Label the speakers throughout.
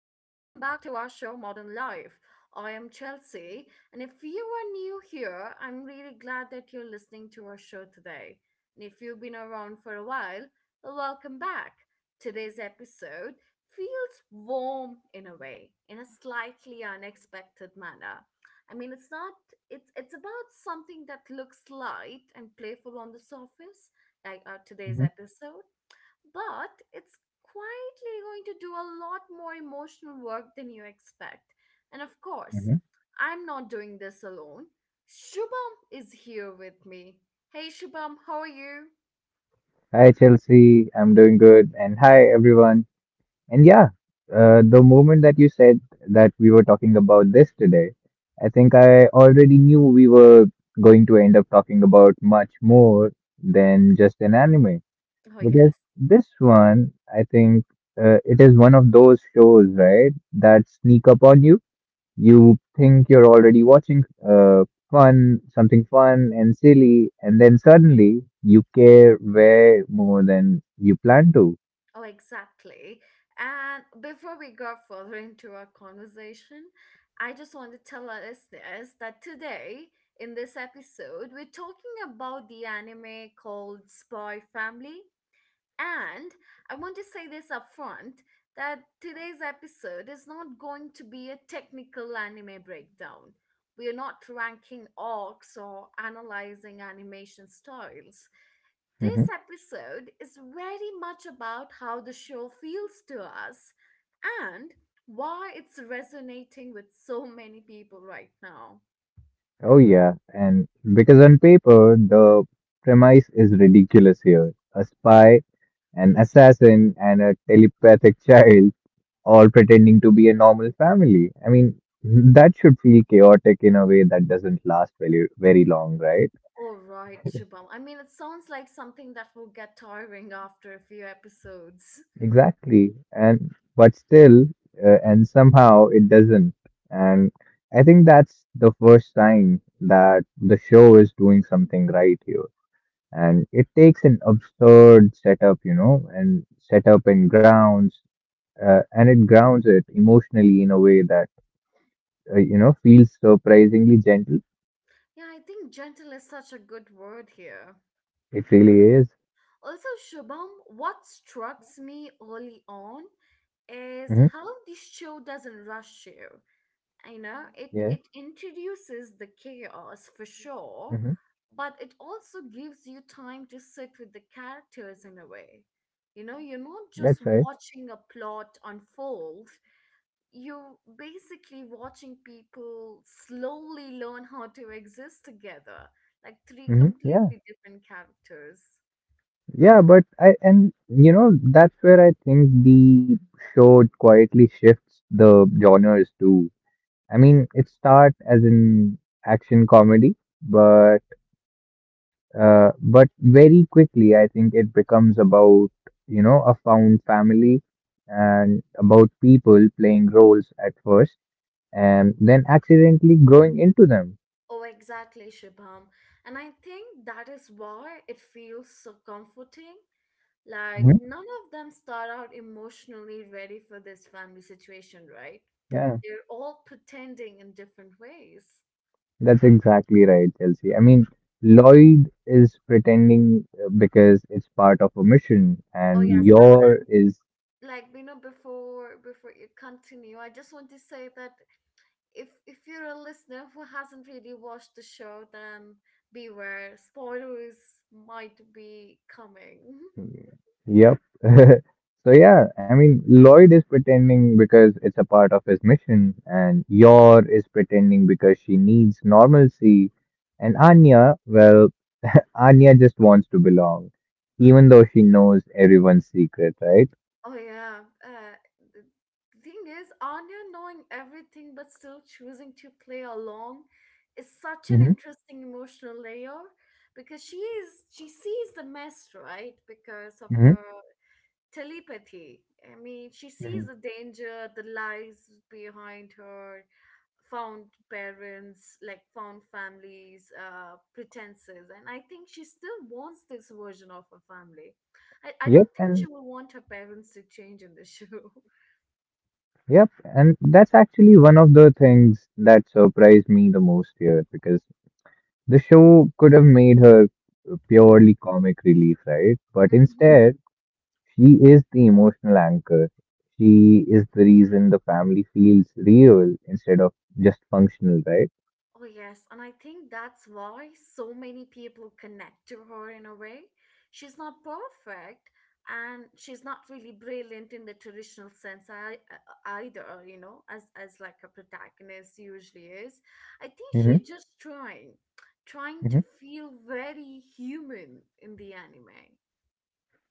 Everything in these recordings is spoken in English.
Speaker 1: back to our show Modern Life. I am Chelsea, and if you are new here, I'm really glad that you're listening to our show today. And if you've been around for a while, welcome back. Today's episode feels warm in a way, in a slightly unexpected manner. I mean, it's not it's it's about something that looks light and playful on the surface, like our today's
Speaker 2: Mhm,
Speaker 1: episode but it's quietly going to do a lot more emotional work than you expect. And of course,
Speaker 2: mhm.
Speaker 1: I'm not doing this alone. Shubham is here with me. Hey Shubham, how are you?
Speaker 2: Hi, Chelsea. I'm doing good. And hi, everyone. And the moment that you said that we were talking about this today, I think I already knew we were going to end up talking about much more than just an anime.
Speaker 1: Oh,
Speaker 2: Because
Speaker 1: yes.
Speaker 2: this one, I think it is one of those shows, right, that sneak up on you. You think you're already watching something fun and silly, and then suddenly you care way more than you plan to.
Speaker 1: Oh, exactly. And before we go further into our conversation, I just want to tell our listeners that today, in this episode, we're talking about the anime called Spy Family. And I want to say this up front that today's episode is not going to be a technical anime breakdown. We are not ranking arcs or analyzing animation styles. This
Speaker 2: Mhm.
Speaker 1: episode is very much about how the show feels to us and why it's resonating with so many people right now.
Speaker 2: Oh, yeah. And because on paper, the premise is ridiculous here. A spy, an assassin, and a telepathic child all pretending to be a normal family. I mean, that should feel chaotic in a way that doesn't last very, very long, right?
Speaker 1: All right, Shubham. I mean, it sounds like something that will get tiring after a few episodes.
Speaker 2: Exactly. And but still, and somehow it doesn't. And I think that's the first sign that the show is doing something right here. And it takes an absurd setup, you know, and it grounds it emotionally in a way that, you know, feels surprisingly gentle.
Speaker 1: Yeah, I think gentle is such a good word here.
Speaker 2: It really is.
Speaker 1: Also, Shubham, what strikes me early on is
Speaker 2: Hmm.
Speaker 1: how this show doesn't rush you. You know, it
Speaker 2: Yeah.
Speaker 1: it introduces the chaos for sure,
Speaker 2: Hmm.
Speaker 1: but it also gives you time to sit with the characters in a way. You know, you're not just
Speaker 2: That's right.
Speaker 1: watching a plot unfold, you're basically watching people slowly learn how to exist together, like three
Speaker 2: Hmm. Yeah.
Speaker 1: completely different characters.
Speaker 2: Yeah, but I and you know that's where I think the show quietly shifts the genres too. I mean, it start as an action comedy, but but very quickly I think it becomes about, you know, a found family, and about people playing roles at first and then accidentally growing into them.
Speaker 1: Oh, exactly, Shubham. And I think that is why it feels so comforting. Like,
Speaker 2: Mhm.
Speaker 1: none of them start out emotionally ready for this family situation, right?
Speaker 2: Yeah.
Speaker 1: They're all pretending in different ways.
Speaker 2: That's exactly right, Chelsea. I mean, Lloyd is pretending because it's part of a mission,
Speaker 1: Oh,
Speaker 2: and
Speaker 1: yes. And
Speaker 2: your is,
Speaker 1: like, you know, before you continue, I just want to say that if you're a listener who hasn't really watched the show, then beware, spoilers might be coming.
Speaker 2: yep. So yeah, I mean, Lloyd is pretending because it's a part of his mission, and your is pretending because she needs normalcy, and Anya, well, Anya just wants to belong, even though she knows everyone's secret, right?
Speaker 1: Oh yeah, the the thing is, Anya knowing everything but still choosing to play along is such an
Speaker 2: Mm-hmm.
Speaker 1: interesting emotional layer because she sees the mess right because of her telepathy. I mean, she
Speaker 2: Mm-hmm.
Speaker 1: sees the danger, the lies behind her found parents, like found families, pretenses. And I think she still wants this version of her family. I
Speaker 2: Yep,
Speaker 1: don't think
Speaker 2: and
Speaker 1: she will want her parents to change in the show.
Speaker 2: Yep, and that's actually one of the things that surprised me the most here, because the show could have made her purely comic relief, right? But instead, she is the emotional anchor. She is the reason the family feels real instead of just functional, right?
Speaker 1: Oh, yes. And I think that's why so many people connect to her in a way. She's not perfect and she's not really brilliant in the traditional sense either, you know, as like a protagonist usually is. I think
Speaker 2: Hmm.
Speaker 1: she's just trying
Speaker 2: Hmm.
Speaker 1: to feel very human in the anime.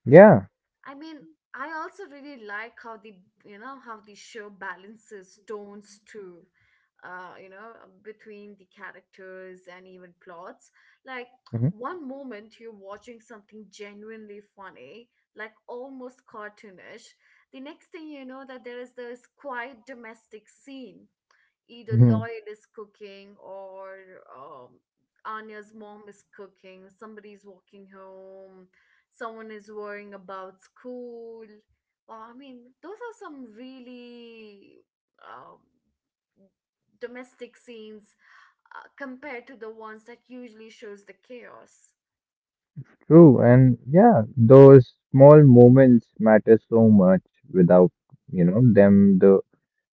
Speaker 2: Yeah.
Speaker 1: I mean, I also really like how the show balances tones too, you know, between the characters and even plots. Like
Speaker 2: Hmm.
Speaker 1: one moment you're watching something genuinely funny, like almost cartoonish. The next thing you know that there is this quiet domestic scene either
Speaker 2: Hmm.
Speaker 1: Lloyd is cooking or um, Anya's mom is cooking, somebody's walking home, someone is worrying about school. Well, I mean, those are some really um, domestic scenes compared to the ones that usually shows the chaos.
Speaker 2: True. And yeah, those small moments matter so much without, you know, them, the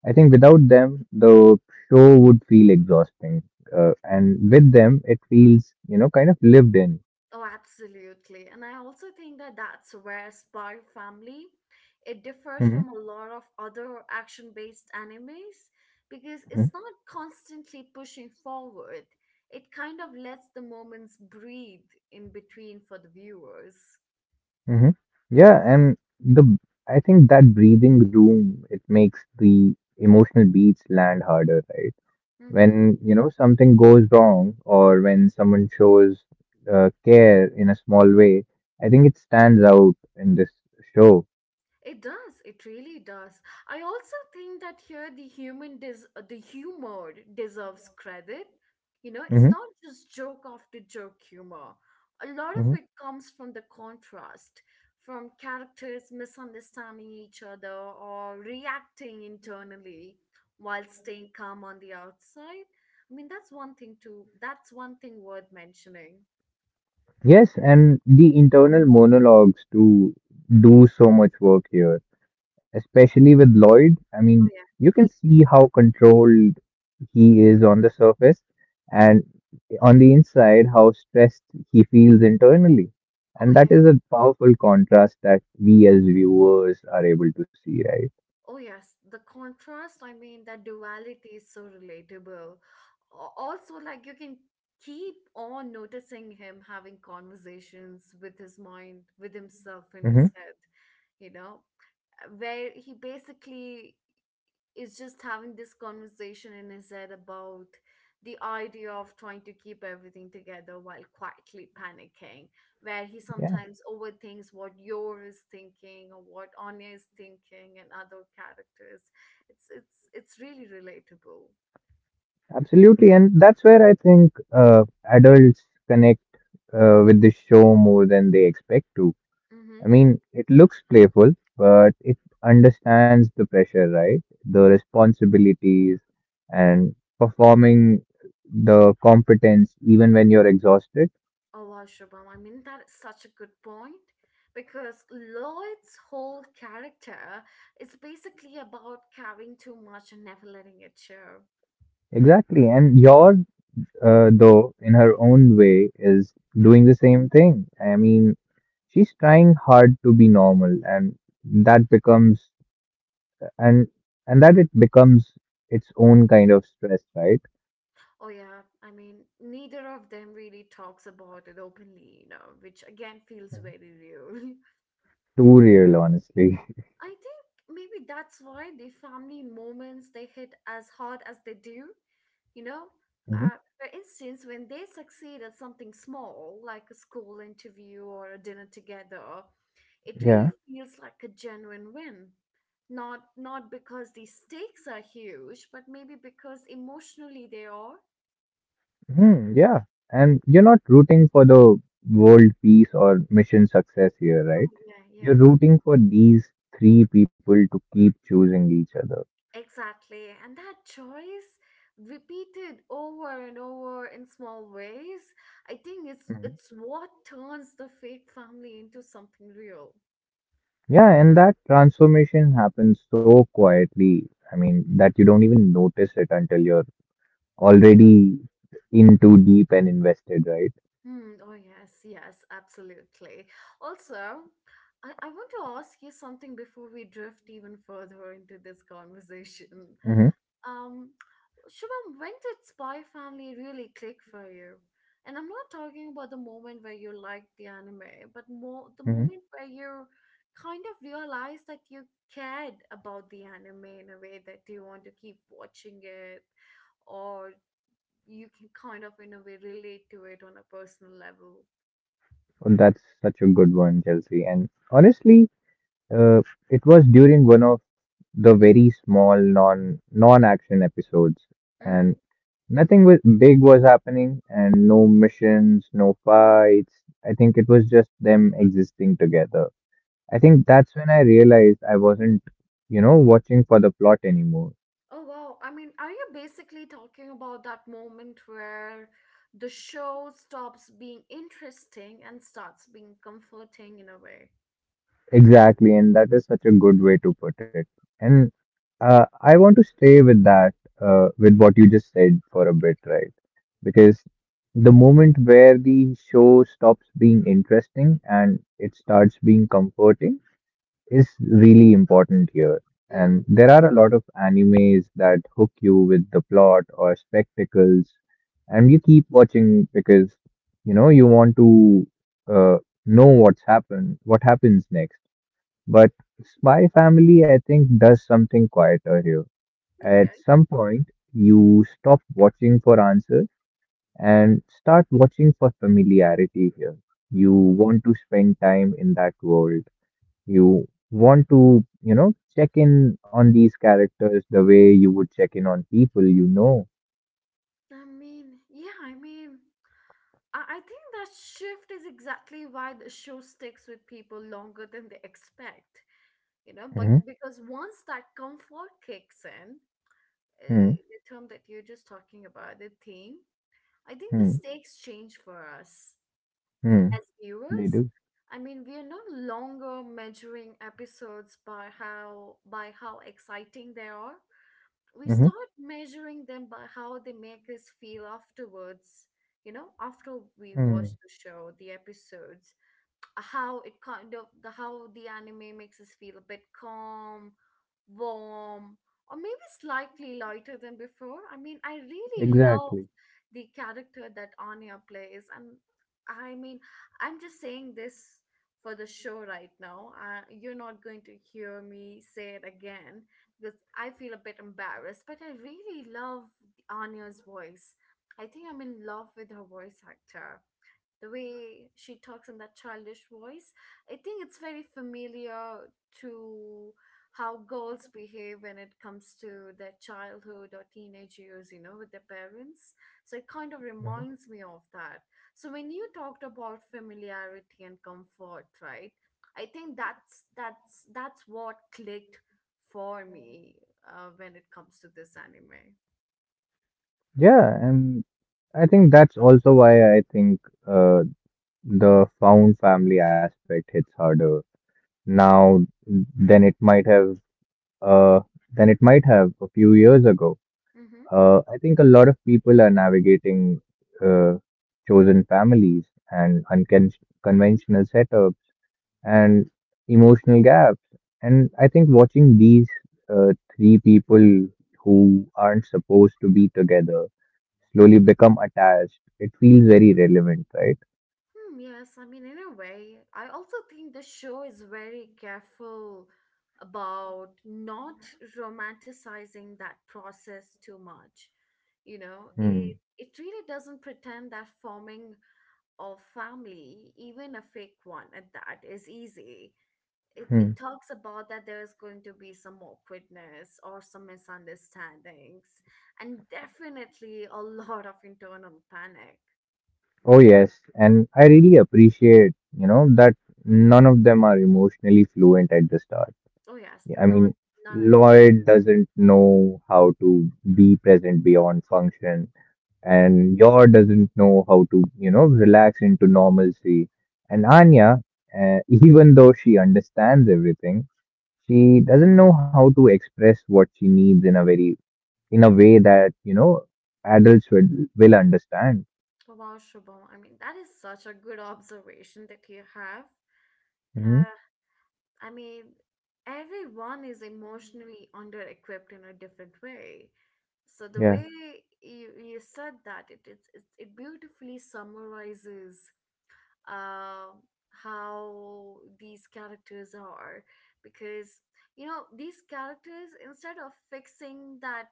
Speaker 2: I think without them, the show would feel exhausting, and with them, it feels, you know, kind of lived in.
Speaker 1: Oh, absolutely. And I also think that that's where Spy Family it differs
Speaker 2: Hmm.
Speaker 1: from a lot of other action-based animes because
Speaker 2: Hmm.
Speaker 1: it's not constantly pushing forward. It kind of lets the moments breathe in between for the viewers.
Speaker 2: Hmm. Yeah, and the I think that breathing room, it makes the emotional beats land harder, right?
Speaker 1: Mm-hmm.
Speaker 2: When, you know, something goes wrong or when someone shows care in a small way, I think it stands out in this show.
Speaker 1: It does. It really does. I also think that here the humor deserves credit. You know, it's
Speaker 2: Hmm.
Speaker 1: not just joke after joke humor. A lot of it comes from the contrast, from characters misunderstanding each other or reacting internally while staying calm on the outside. I mean, that's one thing worth mentioning.
Speaker 2: Yes, and the internal monologues to do so much work here, especially with Lloyd. I mean,
Speaker 1: Oh yeah.
Speaker 2: you can
Speaker 1: He,
Speaker 2: see how controlled he is on the surface, and on the inside, how stressed he feels internally.
Speaker 1: oh
Speaker 2: And that
Speaker 1: yeah.
Speaker 2: is a powerful contrast that we as viewers are able to see, right?
Speaker 1: Oh, yes, the contrast, I mean, that duality is so relatable. Also, like, you can keep on noticing him having conversations with his mind, with himself in his
Speaker 2: Hmm.
Speaker 1: head, you know, where he basically is just having this conversation in his head about the idea of trying to keep everything together while quietly panicking, where he
Speaker 2: Yeah,
Speaker 1: sometimes overthinks what Yor is thinking or what Anya is thinking and other characters. It's really relatable.
Speaker 2: absolutely. And that's where I think adults connect with the show more than they expect to.
Speaker 1: Mm-hmm.
Speaker 2: I mean, it looks playful, but it understands the pressure, right? The responsibilities and performing the competence even when you're exhausted.
Speaker 1: Allah Shubham. I mean that is such a good point because Lloyd's whole character is basically about caring too much and never letting it show.
Speaker 2: Exactly. And your though, in her own way, is doing the same thing. I mean, she's trying hard to be normal, and that becomes and that it becomes its own kind of stress, right?
Speaker 1: Oh, yeah. I mean, neither of them really talks about it openly, you know, which again feels very real.
Speaker 2: Too real, honestly.
Speaker 1: I think maybe that's why the family moments they hit as hard as they do, you know?
Speaker 2: Mhm.
Speaker 1: For instance, when they succeed at something small, like a school interview or a dinner together, it really
Speaker 2: Yeah.
Speaker 1: feels like a genuine win. Not because the stakes are huge, but maybe because emotionally they are.
Speaker 2: Hmm, yeah. And you're not rooting for the world peace or mission success here, right?
Speaker 1: Oh yeah,
Speaker 2: You're
Speaker 1: yeah.
Speaker 2: rooting for these three people to keep choosing each other.
Speaker 1: Exactly. And that choice repeated over and over in small ways, I think it's
Speaker 2: Mhm.
Speaker 1: it's what turns the fake family into something real.
Speaker 2: Yeah, and that transformation happens so quietly, I mean, that you don't even notice it until you're already in too deep and invested, right?
Speaker 1: Hmm, oh yes, absolutely. Also, I want to ask you something before we drift even further into this conversation.
Speaker 2: Mm-hmm.
Speaker 1: Um, Shubham, when did Spy Family really click for you? And I'm not talking about the moment where you liked the anime, but more the
Speaker 2: Mm-hmm.
Speaker 1: moment where you kind of realized that you cared about the anime in a way that you want to keep watching it, or you can kind of, in a way, relate to it on a personal level.
Speaker 2: Well, that's such a good one, Chelsea. And honestly, uh, it was during one of the very small non-action episodes,
Speaker 1: Mm-hmm.
Speaker 2: and nothing was big was happening, and no missions, no fights. I think it was just them existing together. I think that's when I realized I wasn't, you know, watching for the plot anymore.
Speaker 1: Oh, wow. I mean, are you basically talking about that moment where the show stops being interesting and starts being comforting in a way?
Speaker 2: Exactly, and that is such a good way to put it. And I want to stay with that, with what you just said for a bit, right? Because the moment where the show stops being interesting and it starts being comforting is really important here.
Speaker 1: Hmm,
Speaker 2: And there are a lot of animes that hook you with the plot or spectacles, and you keep watching because you know you want to uh, know what's happened, what happens next. But Spy Family, I think, does something quieter here. At
Speaker 1: okay.
Speaker 2: some point, you stop watching for answers and start watching for familiarity here. You want to spend time in that world. You want to, you know, check in on these characters the way you would check in on people you know.
Speaker 1: I mean, yeah, I mean, I think that shift is exactly why the show sticks with people longer than they expect, you know, but
Speaker 2: Hmm.
Speaker 1: because once that comfort kicks in,
Speaker 2: Hmm.
Speaker 1: uh, the term that you're just talking about, the theme, I think the
Speaker 2: Hmm.
Speaker 1: stakes change for us
Speaker 2: Hmm.
Speaker 1: as
Speaker 2: They
Speaker 1: viewers.
Speaker 2: do.
Speaker 1: I mean, we are no longer measuring episodes by how exciting they are. We
Speaker 2: Hmm.
Speaker 1: start measuring them by how they make us feel afterwards, you know, after we watch
Speaker 2: Hmm.
Speaker 1: the show the episodes, how it kind of the anime makes us feel a bit calm, warm, or maybe slightly lighter than before. I mean, I really love
Speaker 2: Exactly.
Speaker 1: the character that Anya plays, and I mean, I'm just saying this for the show right now. You're not going to hear me say it again because I feel a bit embarrassed, but I really love Anya's voice. I think I'm in love with her voice actor, the way she talks in that childish voice. I think it's very familiar to how girls behave when it comes to their childhood or teenage years, you know, with their parents. So it kind of
Speaker 2: Hmm.
Speaker 1: reminds me of that. So when you talked about familiarity and comfort, right? I think that's what clicked for me when it comes to this anime.
Speaker 2: Yeah, and I think that's also why I think uh, the found family aspect hits harder now than it might have uh, than it might have a few years ago.
Speaker 1: Mm-hmm.
Speaker 2: I think a lot of people are navigating uh, chosen families and unconventional setups and emotional gaps. And I think watching these three people who aren't supposed to be together slowly become attached, it feels very relevant, right?
Speaker 1: Hmm, yes, I mean, in a way, I also think the show is very careful about not romanticizing that process too much. You know,
Speaker 2: Hmm.
Speaker 1: it really doesn't pretend that forming Or family, even a fake one at that, is easy. It,
Speaker 2: Hmm.
Speaker 1: it talks about that there is going to be some awkwardness or some misunderstandings, and definitely a lot of internal panic.
Speaker 2: Oh, yes. And I really appreciate, you know, that none of them are emotionally fluent at the start.
Speaker 1: Oh, yes,
Speaker 2: I
Speaker 1: not
Speaker 2: mean,
Speaker 1: none at all.
Speaker 2: Lloyd doesn't know how to be present beyond function, and Yor doesn't know how to, you know, relax into normalcy. And Anya, even though she understands everything, she doesn't know how to express what she needs in a way that, you know, adults will, will understand.
Speaker 1: Wow, Shubham. I mean, that is such a good observation that you have.
Speaker 2: Hmm.
Speaker 1: Uh, I mean, everyone is emotionally under equipped in a different way. So the
Speaker 2: Yeah.
Speaker 1: way you said that it beautifully summarizes uh, how these characters are because you know these characters instead of fixing that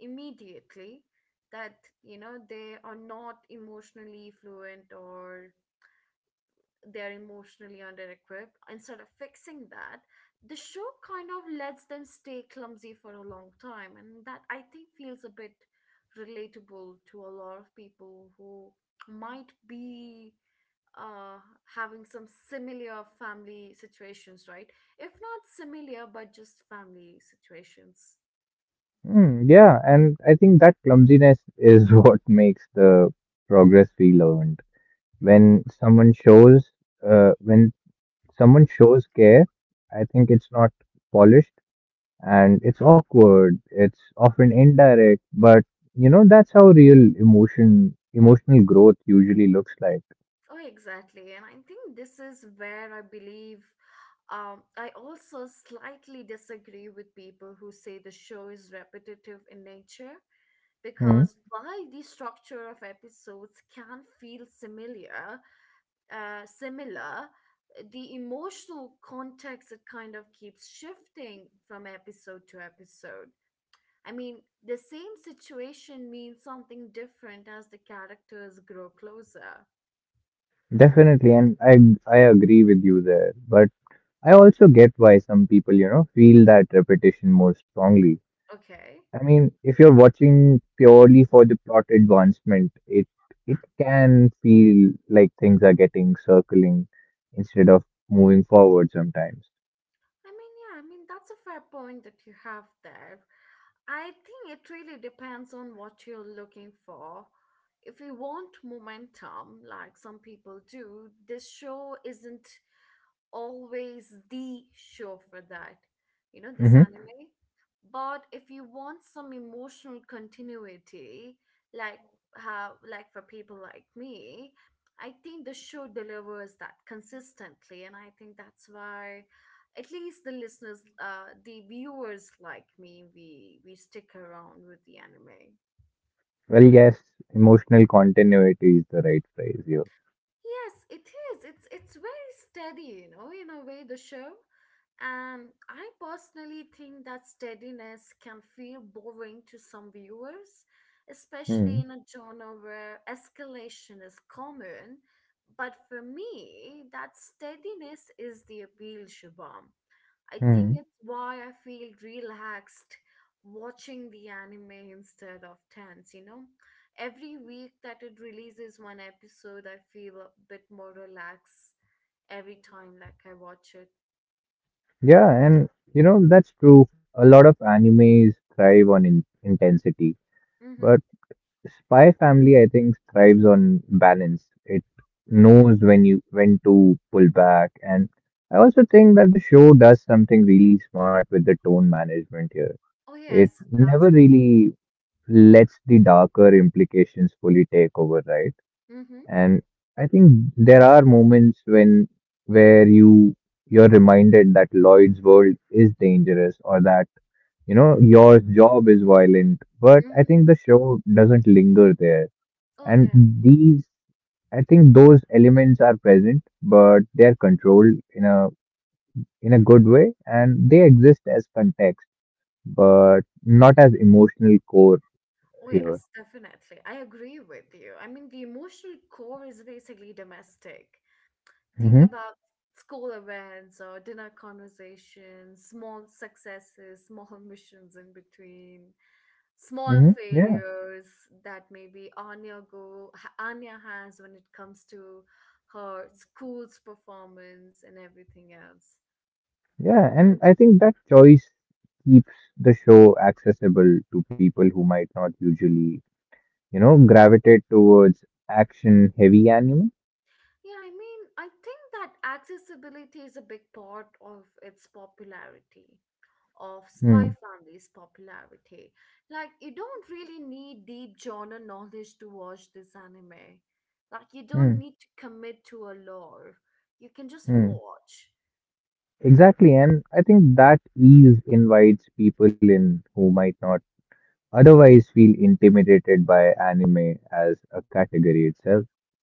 Speaker 1: immediately that you know they are not emotionally fluent or they're emotionally underequipped, instead of fixing that, the show kind of lets them stay clumsy for a long time. And that I think feels a bit relatable to a lot of people who might be uh, having some similar family situations, right? If not similar, but just family situations.
Speaker 2: Mm, yeah, and I think that clumsiness is what makes the progress feel earned. When uh, when someone shows care, I think it's not polished, and it's awkward, it's often indirect, but you know that's how real emotional growth usually looks like.
Speaker 1: Oh, exactly. And I think this is where I believe I also slightly disagree with people who say the show is repetitive in nature.
Speaker 2: Hmm.
Speaker 1: Because while the structure of episodes can feel similar, the emotional context it kind of keeps shifting from episode to episode. I mean, the same situation means something different as the characters grow closer.
Speaker 2: Definitely, and I agree with you there, but I also get why some people, you know, feel that repetition more strongly.
Speaker 1: Okay.
Speaker 2: I mean, if you're watching purely for the plot advancement, it can feel like things are getting circling instead of moving forward sometimes.
Speaker 1: I mean, yeah, I mean, that's a fair point that you have there. I think it really depends on what you're looking for. If you want momentum, like some people do, this show isn't always the show for that, you know, this
Speaker 2: Hmm.
Speaker 1: anime. But if you want some emotional continuity, like how for people like me, I think the show delivers that consistently, and I think that's why at least the listeners, the viewers like me, we stick around with the anime.
Speaker 2: Well, yes, emotional continuity is the right phrase here.
Speaker 1: Yes, it is. It's very steady, you know, in a way the show. And I personally think that steadiness can feel boring to some viewers,
Speaker 2: Mm-hmm.
Speaker 1: especially in a genre where escalation is common. But for me, that steadiness is the appeal, Shubham. I
Speaker 2: Mm-hmm.
Speaker 1: think it's why I feel relaxed watching the anime instead of tense, you know? Every week that it releases one episode, I feel a bit more relaxed every time like I watch it.
Speaker 2: Yeah, and you know that's true. A lot of animes thrive on in intensity,
Speaker 1: Mm-hmm.
Speaker 2: but Spy Family, I think, thrives on balance. It knows when to pull back, and I also think that the show does something really smart with the tone management here.
Speaker 1: Oh
Speaker 2: It
Speaker 1: yes, it does.
Speaker 2: never really lets the darker implications fully take over, right?
Speaker 1: Mm-hmm.
Speaker 2: And I think there are moments when where you you're reminded that Lloyd's world is dangerous or that you know your job is violent, but
Speaker 1: Mm-hmm.
Speaker 2: I think the show doesn't linger there,
Speaker 1: Oh
Speaker 2: and
Speaker 1: yeah.
Speaker 2: I think those elements are present, but they are controlled in a good way, and they exist as context, but not as emotional core
Speaker 1: Oh
Speaker 2: here.
Speaker 1: yes, definitely. I agree with you. I mean, the emotional core is basically domestic. Think
Speaker 2: Hmm.
Speaker 1: about school events or dinner conversations, small successes, small missions in between, small
Speaker 2: Hmm. Yeah,
Speaker 1: failures that maybe Anya has when it comes to her school's performance and everything else.
Speaker 2: yeah, and I think that choice keeps the show accessible to people who might not usually, you know, gravitate towards action-heavy anime.
Speaker 1: Yeah, I mean, I think that accessibility is a big part of its popularity. Of spy
Speaker 2: Hmm,
Speaker 1: family's popularity. Like, you don't really need deep genre knowledge to watch this anime. Like, you don't
Speaker 2: hmm,
Speaker 1: need to commit to a lore. You can just
Speaker 2: hmm.
Speaker 1: watch.
Speaker 2: Exactly, and I think that ease invites people in who might not otherwise feel intimidated by anime as a category itself.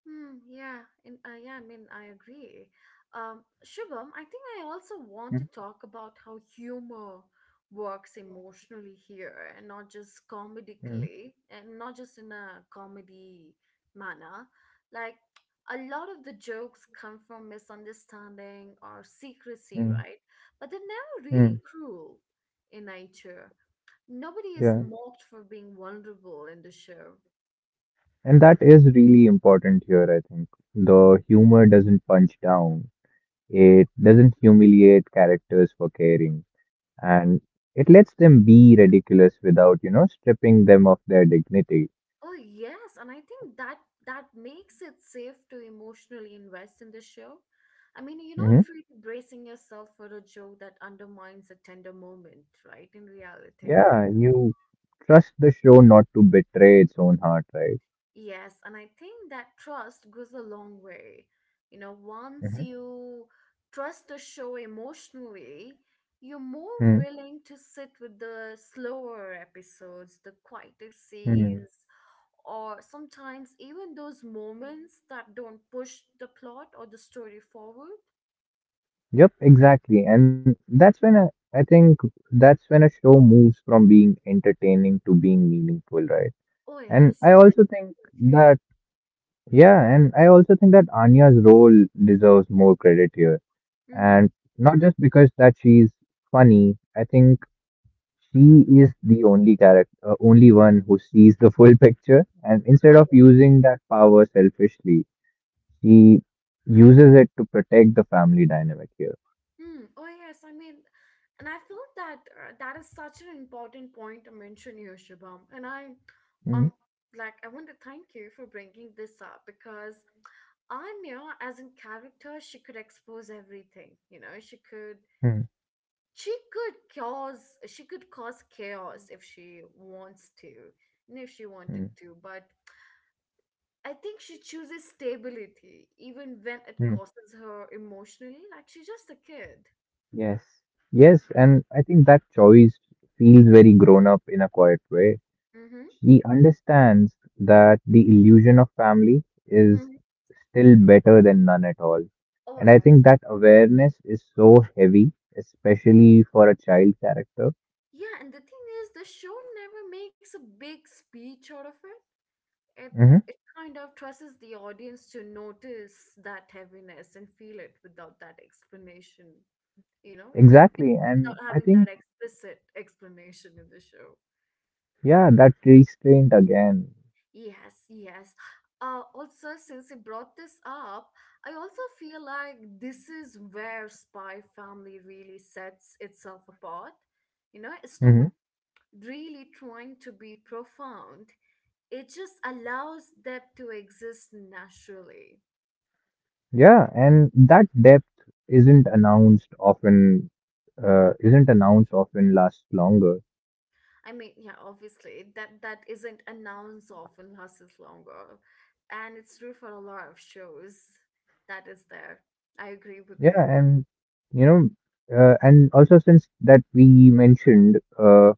Speaker 1: Hmm, yeah, and I mean, I agree. Shubham, I think I also
Speaker 2: Mm,
Speaker 1: want to talk about how humor works emotionally here, and not just
Speaker 2: mm,
Speaker 1: comedically, and not just in a comedy manner. Like a lot of the jokes come from misunderstanding or secrecy,
Speaker 2: mm,
Speaker 1: right? But they're never really
Speaker 2: mm.
Speaker 1: cruel in nature. Nobody is
Speaker 2: Yeah.
Speaker 1: mocked for being vulnerable in the show.
Speaker 2: And that is really important here, I think. The humor doesn't punch down, it doesn't humiliate characters for caring, and it lets them be ridiculous without, you know, stripping them of their dignity.
Speaker 1: Oh yes, and I think that makes it safe to emotionally invest in the show. I mean, you're not
Speaker 2: Hmm.
Speaker 1: really bracing yourself for a joke that undermines a tender moment, right? In reality.
Speaker 2: Yeah, you trust the show not to betray its own heart, right?
Speaker 1: Yes, and I think that trust goes a long way. You know, once you trust a show emotionally, you're more
Speaker 2: Mm-hmm.
Speaker 1: willing to sit with the slower episodes, the quieter scenes, or sometimes even those moments that don't push the plot or the story forward.
Speaker 2: Yep, exactly. And that's when I think that's when a show moves from being entertaining to being meaningful, right?
Speaker 1: Oh,
Speaker 2: And
Speaker 1: yes,
Speaker 2: I
Speaker 1: yes,
Speaker 2: also think
Speaker 1: definitely.
Speaker 2: that, yeah, and I also think that Anya's role deserves more credit here.
Speaker 1: Mm-hmm.
Speaker 2: And not just because that she's funny, I think she is the only character, only one who sees the full picture. And instead of using that power selfishly, she uses it to protect the family dynamic here.
Speaker 1: Hmm. Oh yes, I mean, and I feel that that is such an important point to mention here, Shubham.
Speaker 2: Mm-hmm.
Speaker 1: Um, like I want to thank you for bringing this up because Anya, as in character, she could expose everything. You know,
Speaker 2: Mm-hmm.
Speaker 1: she could cause chaos if she wants to, and if she wanted to. But I think she chooses stability, even when it
Speaker 2: Mm-hmm.
Speaker 1: causes her emotionally. Like she's just a kid.
Speaker 2: Yes. Yes, and I think that choice feels very grown up in a quiet way.
Speaker 1: Mm-hmm.
Speaker 2: She understands that the illusion of family is
Speaker 1: Hmm.
Speaker 2: still better than none at all.
Speaker 1: Oh
Speaker 2: And I
Speaker 1: yeah.
Speaker 2: think that awareness is so heavy, especially for a child character.
Speaker 1: Yeah, and the thing is, the show never makes a big speech out of it. It
Speaker 2: Mm-hmm.
Speaker 1: it kind of trusts the audience to notice that heaviness and feel it without that explanation, you know,
Speaker 2: Exactly. And
Speaker 1: without
Speaker 2: I
Speaker 1: having that
Speaker 2: think,
Speaker 1: explicit explanation in the show.
Speaker 2: yeah, that restraint again.
Speaker 1: Yes, yes. Also, since you brought this up, I also feel like this is where Spy Family really sets itself apart. You know, it's not
Speaker 2: Mm-hmm.
Speaker 1: really trying to be profound, it just allows them to exist naturally.
Speaker 2: Yeah, and that depth isn't announced often, isn't announced often lasts longer.
Speaker 1: I mean, yeah, obviously that isn't announced often lasts longer, and it's true for a lot of shows. That is there. I agree with
Speaker 2: Yeah,
Speaker 1: you.
Speaker 2: and you know, and also since that we mentioned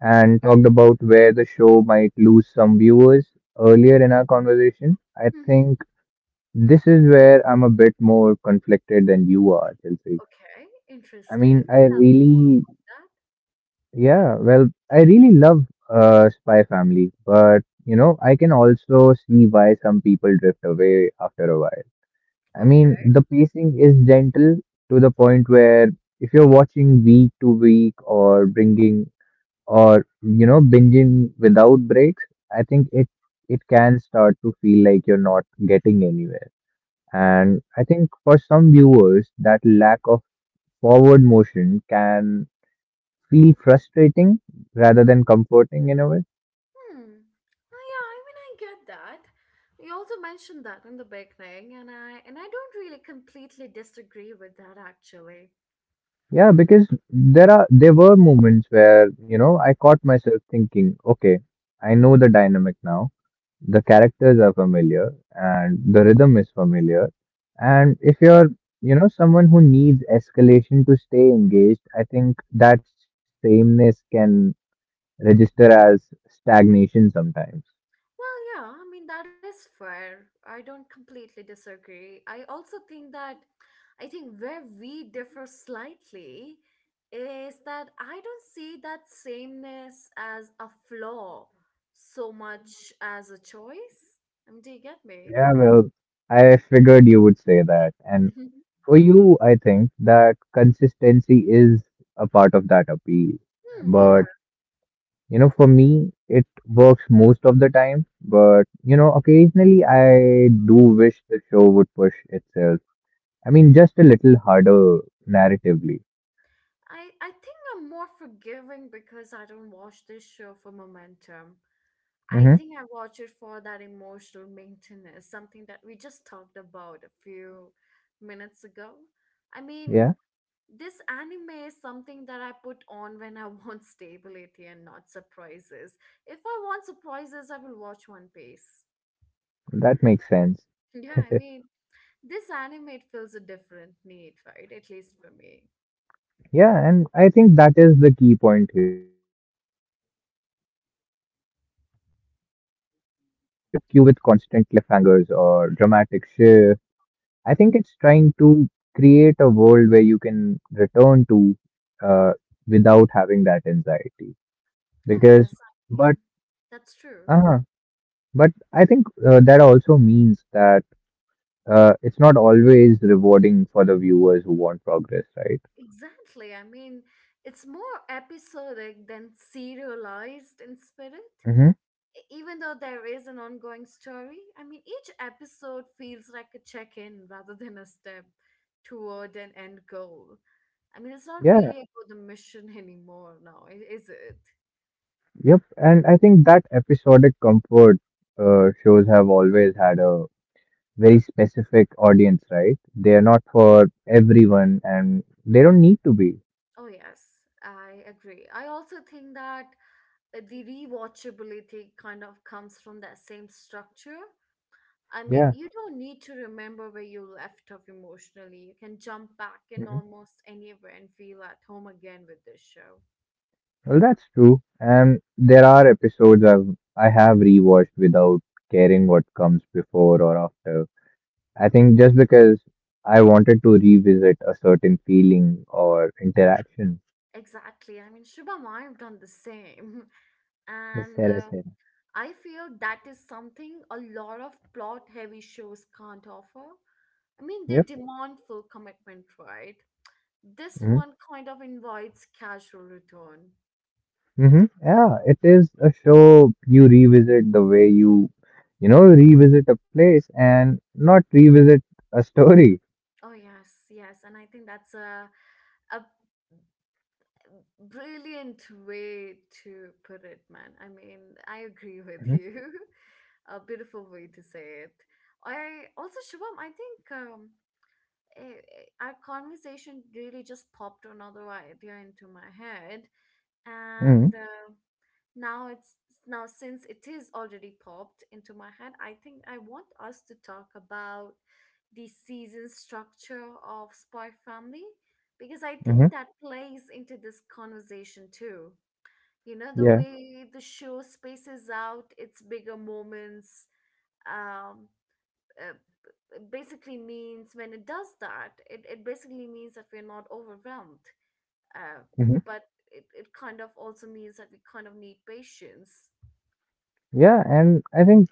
Speaker 2: and talked about where the show might lose some viewers earlier in our conversation, I
Speaker 1: Hmm.
Speaker 2: think this is where I'm a bit more conflicted than you are, Chelsea.
Speaker 1: Okay,
Speaker 2: I mean,
Speaker 1: interesting. Tell me more
Speaker 2: I really love Spy Family, but you know, I can also see why some people drift away after a while. I
Speaker 1: about that. Okay.
Speaker 2: mean, the pacing is gentle to the point where if you're watching week to week or bringing or binging without breaks, I think it can start to feel like you're not getting anywhere. And I think for some viewers, that lack of forward motion can feel frustrating rather than comforting in a way.
Speaker 1: Hmm. Oh, yeah, I mean, I get that. You also mentioned that in the beginning, and I don't really completely disagree with that actually.
Speaker 2: Yeah, because there were moments where, I caught myself thinking, okay, I know the dynamic now. The characters are familiar and the rhythm is familiar. And if you're, someone who needs escalation to stay engaged, I think that sameness can register as stagnation sometimes.
Speaker 1: Well, yeah, I mean that is fair. I don't completely disagree. I also think that I think where we differ slightly is that I don't see that sameness as a flaw so much as a choice. I mean, do you get me?
Speaker 2: Yeah, well, I figured you would say that. And for you, I think that consistency is a part of that appeal.
Speaker 1: Hmm, yeah.
Speaker 2: But for me, it works most of the time, but occasionally I do wish the show would push itself. I mean, just a little harder narratively.
Speaker 1: I think I'm more forgiving because I don't watch this show for momentum. I
Speaker 2: Mm-hmm.
Speaker 1: think I watch it for that emotional maintenance, something that we just talked about a few minutes ago. I mean,
Speaker 2: Yeah,
Speaker 1: this anime is something that I put on when I want stability and not surprises. If I want surprises, I will watch One Piece.
Speaker 2: that makes sense.
Speaker 1: Yeah, I mean, this anime it fills a different need, right? At least for me.
Speaker 2: Yeah, and I think that is the key point here. The This show isn't trying to, hook you with constant cliffhangers or dramatic shift. I think it's trying to create a world where you can return to uh, without having that anxiety.
Speaker 1: Oh, yes,
Speaker 2: Because
Speaker 1: I mean,
Speaker 2: but
Speaker 1: that's true.
Speaker 2: uh but I think that also means that it's not always rewarding for the viewers who want progress, right?
Speaker 1: Exactly. I mean, it's more episodic than serialized in spirit.
Speaker 2: hmm
Speaker 1: Even though there is an ongoing story, I mean, each episode feels like a check in rather than a step toward an end goal. I mean, it's not
Speaker 2: yeah
Speaker 1: really about the mission anymore now, is it?
Speaker 2: yep, and I think that episodic comfort shows have always had a very specific audience, right? They are not for everyone and they don't need to be.
Speaker 1: Oh, yes, I agree. I also think that the rewatchability kind of comes from that same structure. I mean,
Speaker 2: Yeah
Speaker 1: you don't need to remember where you left off emotionally. You can jump back in
Speaker 2: hmm
Speaker 1: almost anywhere and feel at home again with this show.
Speaker 2: well, that's true. And there are episodes I have rewatched without caring what comes before or after. I think just because I wanted to revisit a certain feeling or interaction.
Speaker 1: Exactly. I mean, Shubham, I've done the same.
Speaker 2: Miss
Speaker 1: And
Speaker 2: Sarah, Sarah.
Speaker 1: I feel that is something a lot of plot heavy shows can't offer. I mean, they
Speaker 2: Yep.
Speaker 1: demand full commitment, right? This
Speaker 2: Mm-hmm.
Speaker 1: one kind of invites casual return.
Speaker 2: Mm-hmm. Yeah, it is a show you revisit the way you, revisit a place and not revisit a story.
Speaker 1: Oh, yes, yes. And I think that's a brilliant way to put it, man. I mean, I agree
Speaker 2: Mm-hmm.
Speaker 1: with you. A beautiful way to say it. I also, Shubham, I think. Eh, our conversation really just popped another idea into my head,
Speaker 2: Mm-hmm.
Speaker 1: and now it's, now since it is already popped into my head, I think I want us to talk about the season structure of spy family, because I think
Speaker 2: Mm-hmm.
Speaker 1: that plays into this conversation too. You know, the
Speaker 2: Yeah.
Speaker 1: way the show spaces out its bigger moments, um uh, basically means when it does that, it basically means that we're not overwhelmed. Uh,
Speaker 2: Mm-hmm.
Speaker 1: but it kind of also means that we kind of need patience.
Speaker 2: Yeah, and I think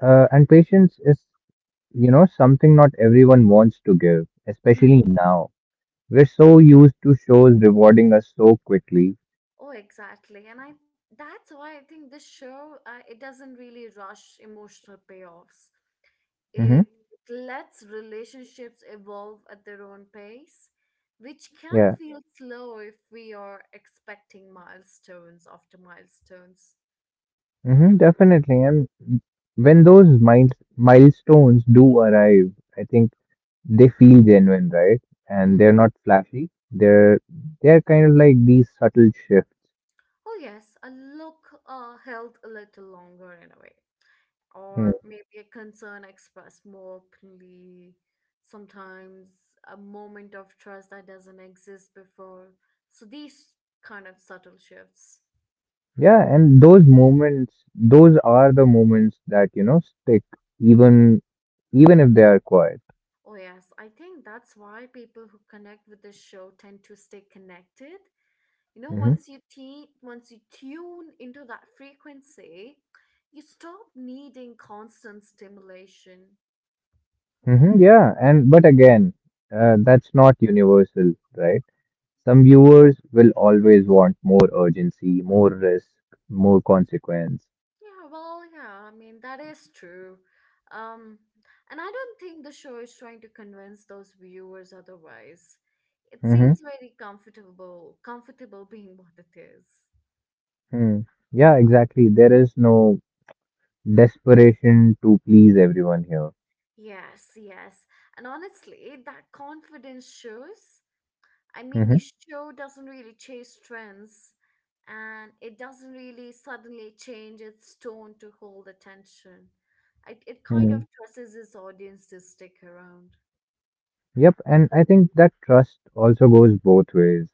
Speaker 2: and patience is, something not everyone wants to give,
Speaker 1: Hmm.
Speaker 2: especially now. We're so used to shows rewarding us so quickly.
Speaker 1: Oh, exactly. And I That's why I think this show it doesn't really rush emotional payoffs.
Speaker 2: Mm-hmm.
Speaker 1: It lets relationships evolve at their own pace, which can
Speaker 2: Yeah.
Speaker 1: feel slow if we are expecting milestones after milestones.
Speaker 2: hmm definitely. And when those mind milestones do arrive, I think they feel genuine, right? And they're not flashy. They're kind of like these subtle shifts.
Speaker 1: Oh, yes, a look held a little longer in a way,
Speaker 2: Hmm.
Speaker 1: or maybe a concern expressed more openly. Sometimes a moment of trust that doesn't exist before. So these kind of subtle shifts.
Speaker 2: Yeah, and those moments, those are the moments that, stick even if they are quiet.
Speaker 1: Oh, yes, I think that's why people who connect with this show tend to stay connected. You know,
Speaker 2: Mhm.
Speaker 1: once you tune into that frequency, you stop needing constant stimulation.
Speaker 2: hmm yeah, and but again, that's not universal, right? Some viewers will always want more urgency, more risk, more consequence.
Speaker 1: Yeah, well, yeah, I mean, that is true. Um, and I don't think the show is trying to convince those viewers otherwise. It
Speaker 2: Hmm.
Speaker 1: seems very comfortable, comfortable being what it is.
Speaker 2: Hmm. Yeah, exactly. There is no desperation to please everyone here.
Speaker 1: Yes, yes. And honestly, that confidence shows. I mean, the
Speaker 2: Hmm
Speaker 1: show doesn't really chase trends and it doesn't really suddenly change its tone to hold attention. It kind
Speaker 2: Hmm.
Speaker 1: of trusts its audience to stick around.
Speaker 2: Yep, and I think that trust also goes both ways.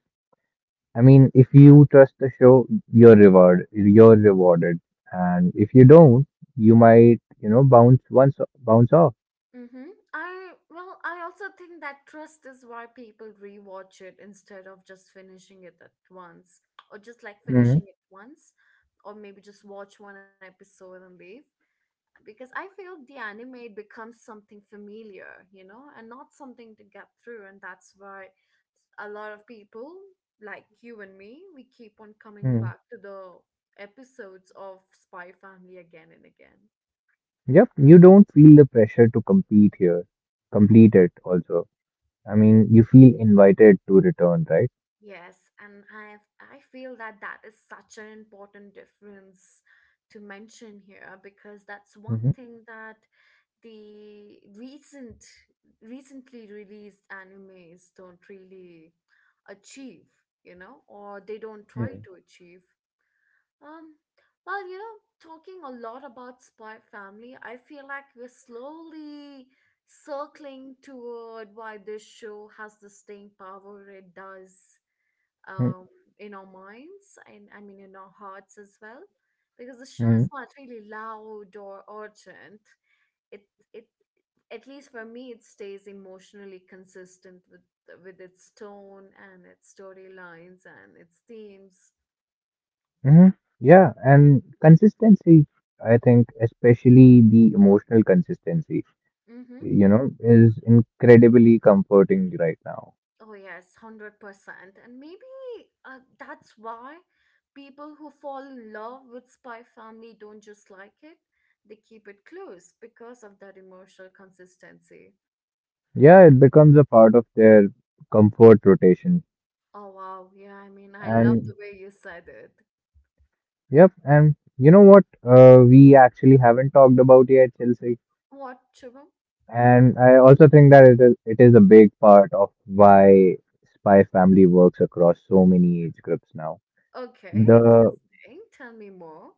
Speaker 2: I mean, if you trust the show, you're rewarded, and if you don't, you might, bounce off.
Speaker 1: Mm-hmm. I, well, I also think that trust is why people rewatch it instead of just finishing it at once, or just like
Speaker 2: Mm-hmm.
Speaker 1: finishing it once, or maybe just watch one episode and leave. Because I feel the anime becomes something familiar, you know, and not something to get through, and that's why a lot of people like you and me, we keep on coming
Speaker 2: hmm
Speaker 1: back to the episodes of Spy Family again and again.
Speaker 2: Yep, you don't feel the pressure to complete it also. I mean, you feel invited to return, right?
Speaker 1: Yes, and I feel that is such an important difference to mention here because that's one
Speaker 2: hmm
Speaker 1: thing that the recent, recently released animes don't really achieve, you know, or they don't try
Speaker 2: hmm
Speaker 1: to achieve. Um, well, you know, talking a lot about Spy Family, I feel like we're slowly circling toward why this show has the staying power it does, um, in our minds and I mean in our hearts as well, because the show
Speaker 2: hmm
Speaker 1: is not really loud or urgent. It it at least for me it stays emotionally consistent with its tone and its storylines and its themes.
Speaker 2: hmm Yeah, and consistency, I think, especially the emotional consistency,
Speaker 1: Mm-hmm.
Speaker 2: is incredibly comforting right now.
Speaker 1: Oh yes, 100%. And maybe that's why people who fall in love with Spy Family don't just like it; they keep it close because of that emotional consistency.
Speaker 2: Yeah, it becomes a part of their comfort rotation.
Speaker 1: Oh wow, yeah, I mean, I love
Speaker 2: And,
Speaker 1: the way you said it.
Speaker 2: yep, and you know what? We actually haven't talked about yet, Chelsea.
Speaker 1: What chubum?
Speaker 2: And I also think that it is a big part of why Spy Family works across so many age groups now.
Speaker 1: Okay,
Speaker 2: The
Speaker 1: interesting. Tell me more.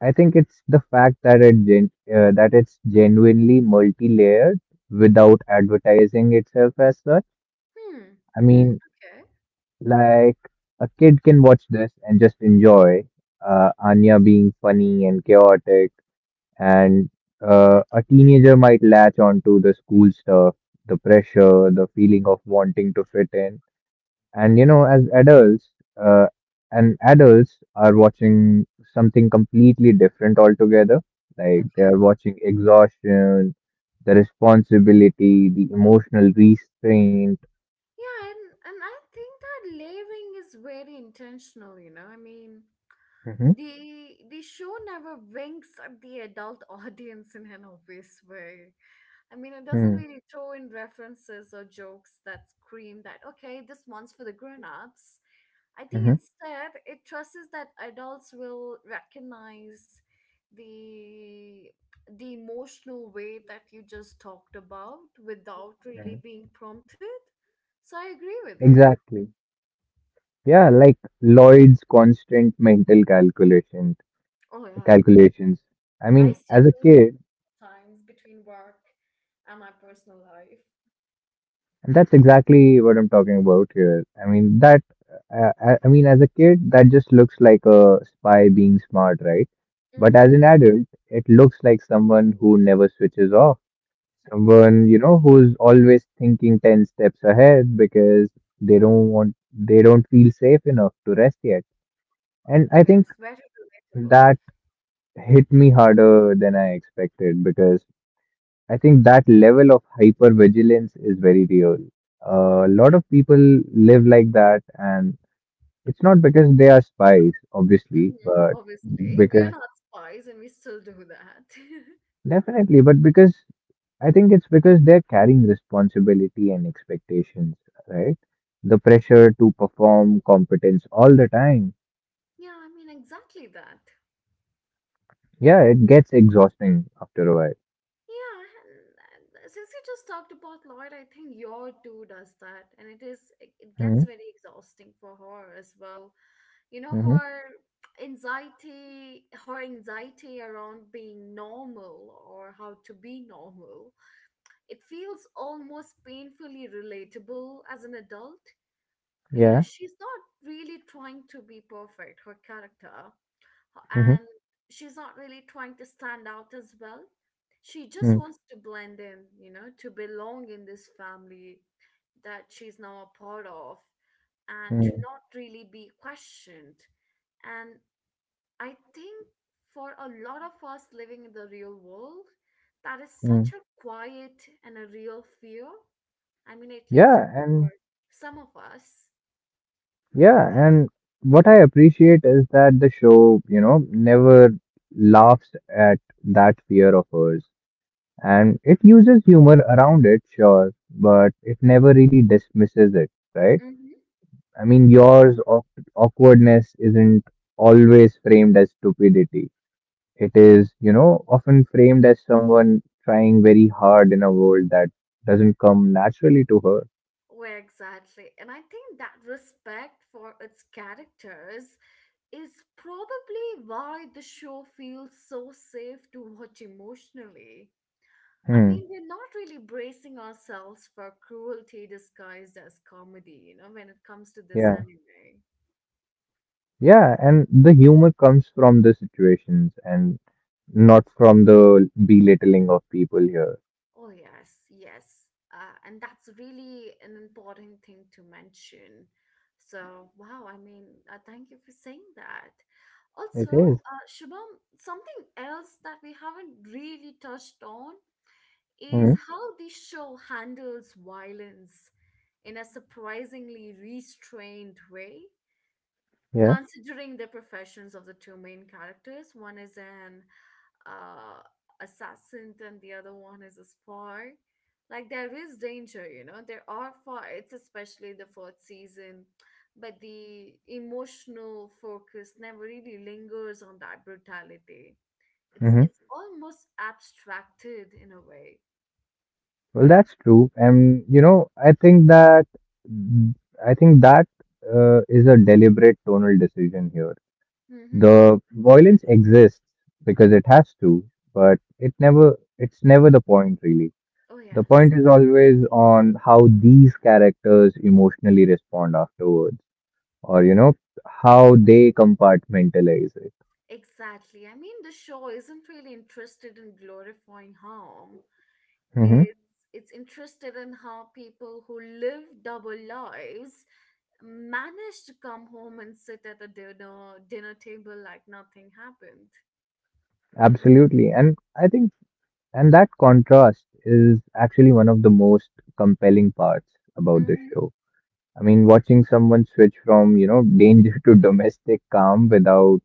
Speaker 2: I think it's the fact that that it's genuinely multi-layered without advertising itself as such.
Speaker 1: Hmm.
Speaker 2: I mean,
Speaker 1: Hmm. Okay.
Speaker 2: like a kid can watch this and just enjoy Anya being funny and chaotic, and a teenager might latch onto the school stuff, the pressure, the feeling of wanting to fit in. And you know, as adults, uh, and adults are watching something completely different altogether. Like they
Speaker 1: Okay.
Speaker 2: are watching exhaustion, the responsibility, the emotional restraint.
Speaker 1: Yeah, and I think that layering is very intentional, you know. I mean,
Speaker 2: Hmm
Speaker 1: the show never winks at the adult audience in an obvious way. I mean, it doesn't
Speaker 2: hmm
Speaker 1: really throw in references or jokes that scream that, okay, this one's for the grown-ups. I think
Speaker 2: hmm
Speaker 1: instead it trusts that adults will recognize the emotional way that you just talked about without really
Speaker 2: hmm
Speaker 1: being prompted. So I agree with you.
Speaker 2: Exactly. Yeah, like Lloyd's constant mental calculation
Speaker 1: Oh yeah.
Speaker 2: calculations. I
Speaker 1: I
Speaker 2: mean,
Speaker 1: still
Speaker 2: as a
Speaker 1: do that
Speaker 2: kid,
Speaker 1: at times between work and my personal life.
Speaker 2: and that's exactly what I'm talking about here. I mean, that, I mean, as a kid, that just looks like a spy being smart, right? But
Speaker 1: Mm-hmm.
Speaker 2: as an adult, it looks like someone who never switches off. Someone, you know, who's always thinking 10 steps ahead because they don't feel safe enough to rest yet.
Speaker 1: Oh
Speaker 2: And
Speaker 1: yes,
Speaker 2: I
Speaker 1: very
Speaker 2: think
Speaker 1: relatable.
Speaker 2: that hit me harder than I expected because I think that level of hypervigilance is very real. A lot of people live like that, and it's not because they are spies, obviously,
Speaker 1: Mm-hmm.
Speaker 2: but
Speaker 1: Obviously, we are
Speaker 2: because
Speaker 1: not spies and we still do that.
Speaker 2: because I think it's because they're carrying responsibility and expectations, right? The pressure to perform competence all the time.
Speaker 1: Yeah, I mean exactly that.
Speaker 2: Yeah, it gets exhausting after a while.
Speaker 1: Yeah, and since you just talked about Lloyd, I think your too does that, and it is it gets
Speaker 2: Mm-hmm.
Speaker 1: very exhausting for her as well. You know,
Speaker 2: Mm-hmm.
Speaker 1: her anxiety around being normal or how to be normal, it feels almost painfully relatable as an adult. You know,
Speaker 2: Yeah.
Speaker 1: she's not really trying to be perfect, her character,
Speaker 2: Mm-hmm.
Speaker 1: and she's not really trying to stand out as well. She just
Speaker 2: Mm-hmm.
Speaker 1: wants to blend in, you know, to belong in this family that she's now a part of and to not really be questioned. And I think for a lot of us living in the real world, that is
Speaker 2: Mm-hmm.
Speaker 1: such a quiet and a real fear. I mean, at least
Speaker 2: Yeah,
Speaker 1: for
Speaker 2: and
Speaker 1: some of us.
Speaker 2: Yeah, and what I appreciate is that the show, never laughs at that fear of hers. And it uses humor around it, sure, but it never really dismisses it, right?
Speaker 1: Mm-hmm.
Speaker 2: I mean, awkwardness isn't always framed as stupidity. It is, often framed as someone trying very hard in a world that doesn't come naturally to her.
Speaker 1: Where exactly. And I think that respect for its characters is probably why the show feels so safe to watch emotionally. I
Speaker 2: Hmm.
Speaker 1: mean, we're not really bracing ourselves for cruelty disguised as comedy, you know, when it comes to this
Speaker 2: Yeah.
Speaker 1: anime.
Speaker 2: Yeah, and the humor comes from the situations and not from the belittling of people here.
Speaker 1: Oh, yes, yes. And that's really an important thing to mention. So, wow, I mean, thank you for saying that.
Speaker 2: It
Speaker 1: Also,
Speaker 2: is.
Speaker 1: Shubham, something else that we haven't really touched on is
Speaker 2: Hmm
Speaker 1: how the show handles violence in a surprisingly restrained way,
Speaker 2: Yeah.
Speaker 1: considering the professions of the two main characters. One is an uh, assassin and the other one is a spy. Like there is danger, you know. There are fights, especially the fourth season, but the emotional focus never really lingers on that brutality. It's
Speaker 2: hmm
Speaker 1: it's almost abstracted in a way.
Speaker 2: Well, that's true. And, I think that is a deliberate tonal decision here.
Speaker 1: Mm-hmm.
Speaker 2: The violence exists because it has to, but it's never the point really.
Speaker 1: Oh,
Speaker 2: The
Speaker 1: yes,
Speaker 2: point is always on how these characters emotionally respond afterwards, or you know, how they compartmentalize it.
Speaker 1: exactly. I mean, the show isn't really interested in glorifying harm.
Speaker 2: Hmm
Speaker 1: It's it's interested in how people who live double lives manage to come home and sit at a dinner table like nothing happened.
Speaker 2: absolutely. And I think and that contrast is actually one of the most compelling parts about this
Speaker 1: Hmm.
Speaker 2: show. I mean, watching someone switch from, you know, danger to domestic calm without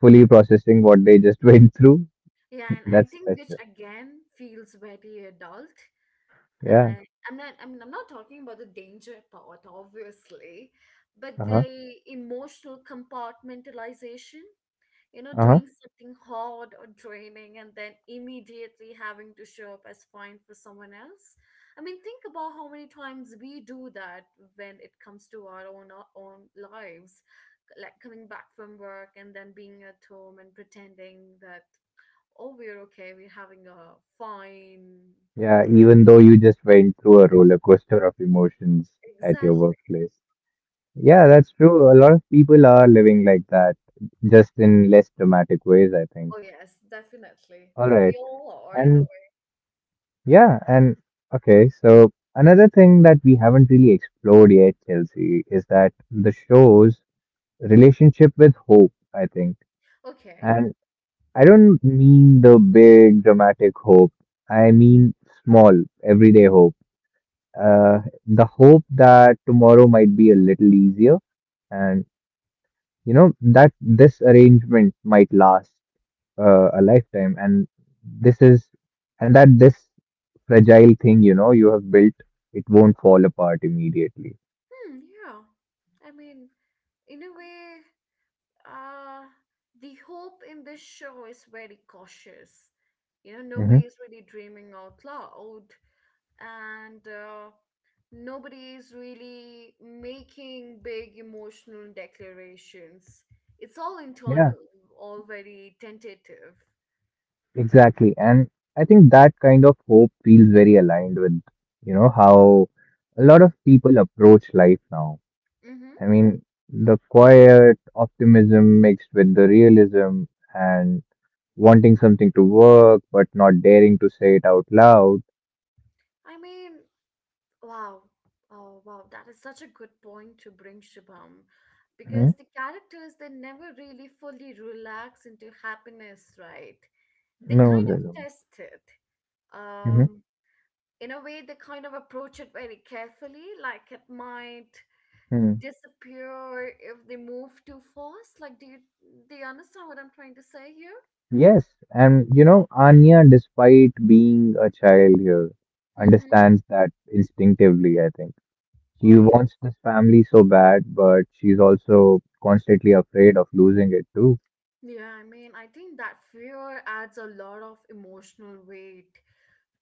Speaker 2: fully processing what they just went through.
Speaker 1: Yeah, and I
Speaker 2: That's
Speaker 1: think which
Speaker 2: special.
Speaker 1: again feels very adult.
Speaker 2: Yeah.
Speaker 1: And I'm not. I mean, I'm not talking about the danger part, obviously, but
Speaker 2: Uh-huh.
Speaker 1: the emotional compartmentalization. You know,
Speaker 2: Uh-huh.
Speaker 1: doing something hard or draining and then immediately having to show up as fine for someone else. I mean, think about how many times we do that when it comes to our own lives, like coming back from work and then being at home and pretending that oh we're okay, we're having a fine.
Speaker 2: Yeah, even though you just went through a roller coaster of emotions at your
Speaker 1: Exactly.
Speaker 2: workplace. Yeah, that's true. A lot of people are living like that, just in less dramatic ways, I think.
Speaker 1: Oh yes, definitely.
Speaker 2: All right.
Speaker 1: We all are in a
Speaker 2: And
Speaker 1: way.
Speaker 2: yeah, and okay, so another thing that we haven't really explored yet, Chelsea, is that the show's relationship with hope, I think.
Speaker 1: Okay.
Speaker 2: And I don't mean the big dramatic hope. I mean small, everyday hope. Uh, the hope that tomorrow might be a little easier, and that this arrangement might last a lifetime, this is and that this fragile thing, you have built, it won't fall apart immediately.
Speaker 1: Hmm. Yeah. I mean, in a way, uh the hope in this show is very cautious. You know,
Speaker 2: Hmm
Speaker 1: nobody is really dreaming out loud, and nobody is really making big emotional declarations. It's all
Speaker 2: yeah,
Speaker 1: internal, all very tentative.
Speaker 2: exactly. And I think that kind of hope feels very aligned with, how a lot of people approach life now.
Speaker 1: Mm-hmm.
Speaker 2: I mean, the quiet optimism mixed with the realism, and wanting something to work but not daring to say it out loud.
Speaker 1: I mean, wow. Oh, wow. That is such a good point to bring, Shubham. Because the characters, they never really fully relax into happiness, right? They
Speaker 2: No,
Speaker 1: kind
Speaker 2: they
Speaker 1: of
Speaker 2: don't.
Speaker 1: test it.
Speaker 2: Mhm.
Speaker 1: Um, in a way, they kind of approach it very carefully. Like it might
Speaker 2: mhm.
Speaker 1: disappear if they move too fast. Like, do you understand what I'm trying to say here?
Speaker 2: Yes, and you know, Anya, despite being a child here,
Speaker 1: Mm-hmm.
Speaker 2: understands that instinctively, I think. She
Speaker 1: Oh yeah,
Speaker 2: wants this family so bad, but she's also constantly afraid of losing it too.
Speaker 1: yeah. I mean, I think that fear adds a lot of emotional weight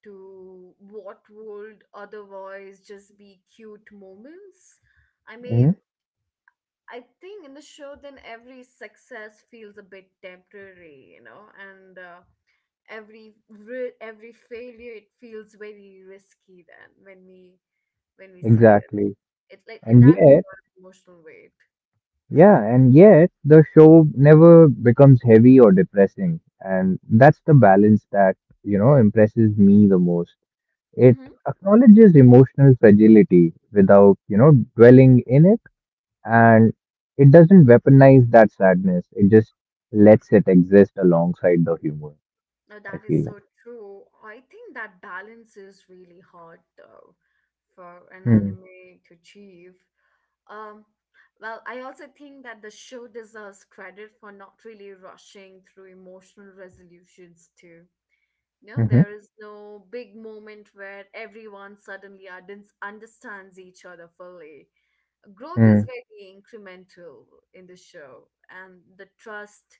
Speaker 1: to what would otherwise just be cute moments. I mean,
Speaker 2: Hmm
Speaker 1: I think in the show, then every success feels a bit temporary, you know, and every failure it feels very risky. Then when we see it,
Speaker 2: Exactly.
Speaker 1: it like
Speaker 2: And
Speaker 1: that's a
Speaker 2: yet,
Speaker 1: lot of emotional weight.
Speaker 2: yeah, and yet the show never becomes heavy or depressing. And that's the balance that, impresses me the most. It acknowledges emotional fragility without, dwelling in it, and it doesn't weaponize that sadness. It just lets it exist alongside the humor,
Speaker 1: No,
Speaker 2: I
Speaker 1: that is
Speaker 2: feel like.
Speaker 1: so true. I think that balance is really hard though for an
Speaker 2: Hmm.
Speaker 1: anime to achieve. Um, well, I also think that the show deserves credit for not really rushing through emotional resolutions too. No,
Speaker 2: Mm-hmm.
Speaker 1: there is no big moment where everyone suddenly understands each other fully. Growth is
Speaker 2: Mm.
Speaker 1: very incremental in the show, and the trust,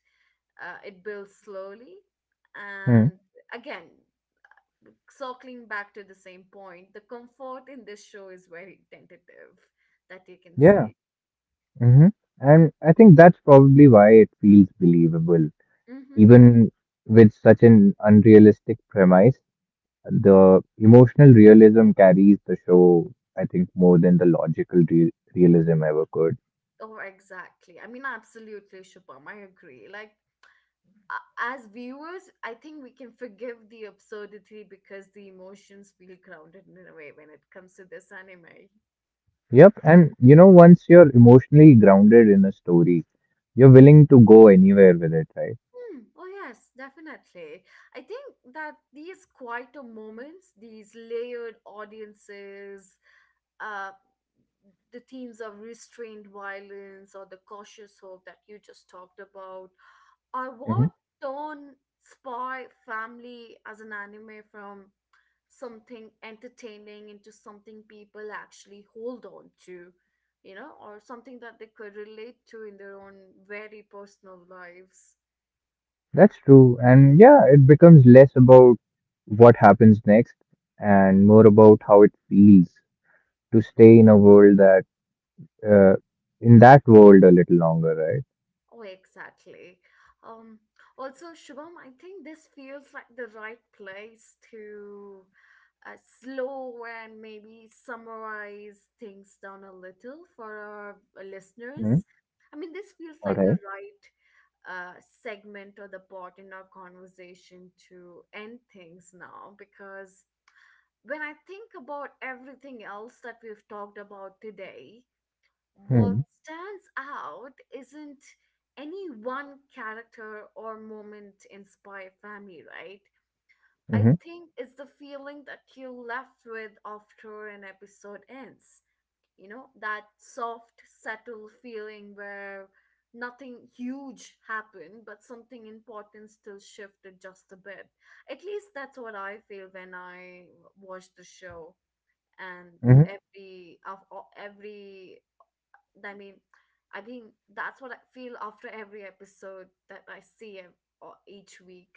Speaker 1: it builds slowly,
Speaker 2: Mm.
Speaker 1: and again circling back to the same point, the comfort in this show is very tentative, that you can
Speaker 2: Yeah.
Speaker 1: see.
Speaker 2: Mm-hmm. And I think that's probably why it feels believable.
Speaker 1: Mm-hmm.
Speaker 2: Even with such an unrealistic premise, the emotional realism carries the show, I think, more than the realism ever could.
Speaker 1: Oh exactly, I mean absolutely, Shubham, I agree. Like as viewers I think we can forgive the absurdity because the emotions feel grounded in a way when it comes to this anime.
Speaker 2: Yep, and you know, once you're emotionally grounded in a story, you're willing to go anywhere with it, right?
Speaker 1: Hmm. Oh, yes, definitely. I think that these quieter moments, these layered audiences, uh, the themes of restrained violence or the cautious hope that you just talked about, are
Speaker 2: hmm
Speaker 1: what turn Spy Family as an anime from something entertaining into something people actually hold on to, you know, or something that they could relate to in their own very personal lives.
Speaker 2: That's true. And yeah, it becomes less about what happens next and more about how it feels to stay uh, in that world a little longer,
Speaker 1: Oh, exactly. Um, Also, Shubham, I think this feels like the right place to slow and maybe summarize things down a little for our
Speaker 2: right?
Speaker 1: listeners. I mean, this feels
Speaker 2: All
Speaker 1: like the
Speaker 2: right.
Speaker 1: right segment or the part in our conversation to end things now, because when I think about everything else that we've talked about today,
Speaker 2: All
Speaker 1: what
Speaker 2: hmm
Speaker 1: stands out isn't any one character or moment in Spy Family, right? I
Speaker 2: Mm-hmm.
Speaker 1: think it's the feeling that you're left with after an episode ends. You know, that soft, subtle feeling where nothing huge happened, but something important still shifted just a bit. At least that's what I feel when I watch the show, and
Speaker 2: Mm-hmm.
Speaker 1: every of every I mean, I think that's what I feel after every episode that I see, or each week.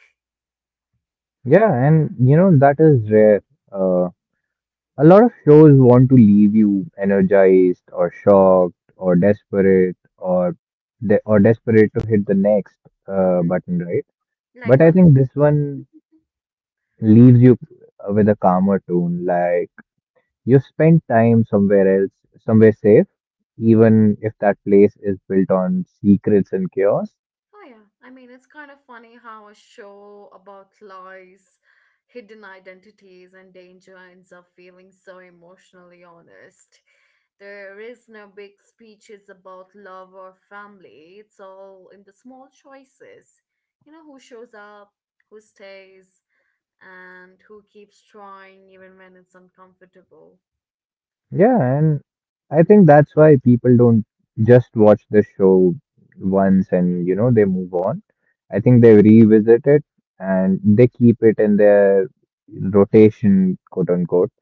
Speaker 2: Yeah, and you know, that is rare. Um, A lot of shows want to leave you energized or shocked or desperate or desperate to hit the next
Speaker 1: Hmm.
Speaker 2: button, right?
Speaker 1: Like
Speaker 2: But I
Speaker 1: when,
Speaker 2: think this one leaves you with a calmer tone, like you spent time somewhere else, somewhere safe, even if that place is built on secrets and chaos.
Speaker 1: oh yeah, I mean, it's kind of funny how a show about lies, hidden identities, and danger ends up feeling so emotionally honest. There is no big speeches about love or family. It's all in the small choices. You know, who shows up, who stays, and who keeps trying even when it's uncomfortable.
Speaker 2: Yeah, and I think that's why people don't just watch the show once and, they move on. I think they revisit it and they keep it in their rotation, quote unquote.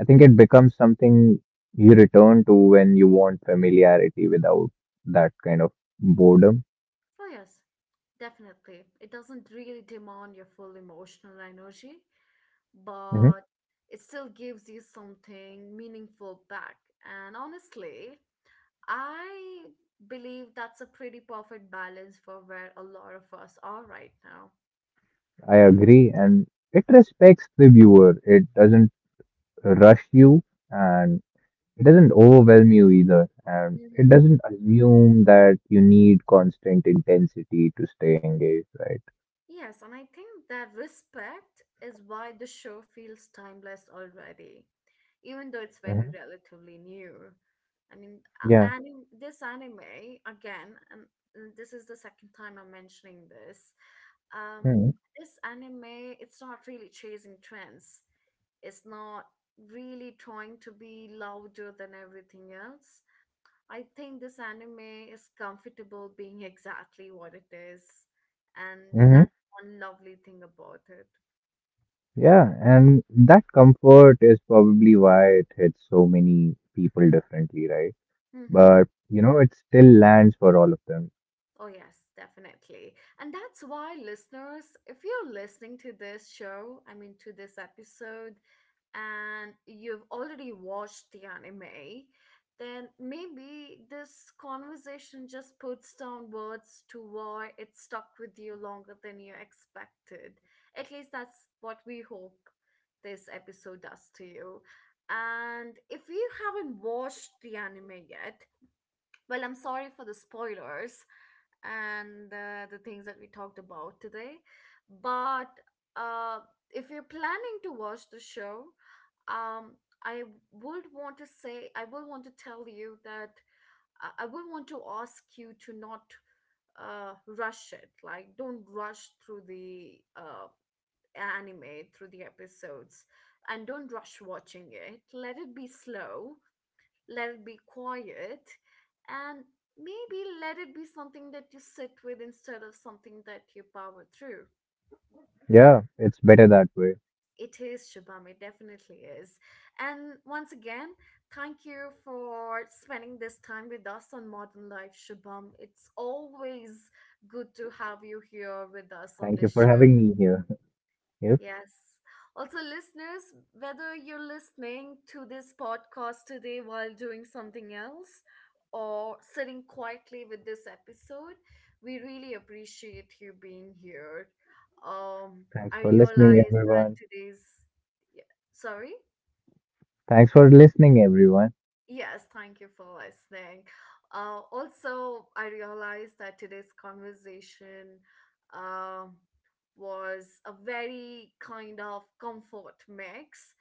Speaker 2: I think it becomes something you return to when you want familiarity without that kind of boredom.
Speaker 1: Oh, yes, definitely. It doesn't really demand your full emotional energy,
Speaker 2: Hmm
Speaker 1: but it still gives you something meaningful back. And honestly, I believe that's a pretty perfect balance for where a lot of us are right now.
Speaker 2: I agree. And it respects the viewer, it doesn't rush you. And it doesn't overwhelm you either, and it doesn't assume that you need constant intensity to stay engaged, right?
Speaker 1: Yes, and I think that respect is why the show feels timeless already, even though it's
Speaker 2: hmm
Speaker 1: very relatively new. I mean,
Speaker 2: Yeah.
Speaker 1: this anime, again, and this is the second time I'm mentioning this. Um,
Speaker 2: Hmm.
Speaker 1: this anime, it's not really chasing trends. It's not really trying to be louder than everything else. I think this anime is comfortable being exactly what it is, and
Speaker 2: Mm-hmm.
Speaker 1: that's one lovely thing about it.
Speaker 2: Yeah, and that comfort is probably why it hits so many people differently, right?
Speaker 1: Mm-hmm.
Speaker 2: But you know, it still lands for all of them.
Speaker 1: Oh, yes, definitely. And that's why, listeners, if you're listening to this show, I mean, to this episode, and you've already watched the anime, then maybe this conversation just puts down words to why it stuck with you longer than you expected. At least that's what we hope this episode does to you. And if you haven't watched the anime yet, well, I'm sorry for the spoilers, and the things that we talked about today. But uh, if you're planning to watch the show, um, I would want to say, I will want to tell you that I will want to ask you to not rush it. Like, don't rush through the anime, through the episodes, and don't rush watching it. Let it be slow, let it be quiet, and maybe let it be something that you sit with instead of something that you power through.
Speaker 2: Yeah, it's better that way.
Speaker 1: It is, Shubham, it definitely is. And once again, thank you for spending this time with us on Modern Life, Shubham. It's always good to have you here with us
Speaker 2: Thank
Speaker 1: on
Speaker 2: you for
Speaker 1: this show.
Speaker 2: having me here. Yep.
Speaker 1: Yes. Also, listeners, whether you're listening to this podcast today while doing something else or sitting quietly with this episode, we really appreciate you being here. Um,
Speaker 2: Thanks
Speaker 1: I
Speaker 2: for listening,
Speaker 1: realize that
Speaker 2: everyone.
Speaker 1: today's, yeah, sorry?
Speaker 2: Thanks for listening, everyone.
Speaker 1: Yes, thank you for listening. Also, I realized that today's conversation um, was a very kind of comfort mix.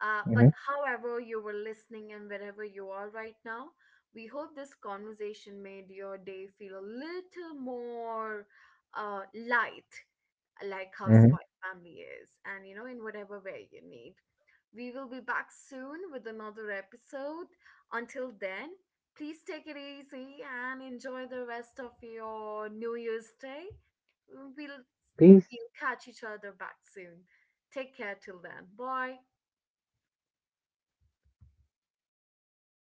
Speaker 1: But
Speaker 2: Mm-hmm.
Speaker 1: however, you were listening and wherever you are right now, we hope this conversation made your day feel a little more light, like how
Speaker 2: Mm-hmm.
Speaker 1: Spy Family is, and you know, in whatever way you need. We will be back soon with another episode. Until then, please take it easy and enjoy the rest of your New Year's Day. We'll
Speaker 2: Peace.
Speaker 1: catch each other back soon. Take care till then. Bye.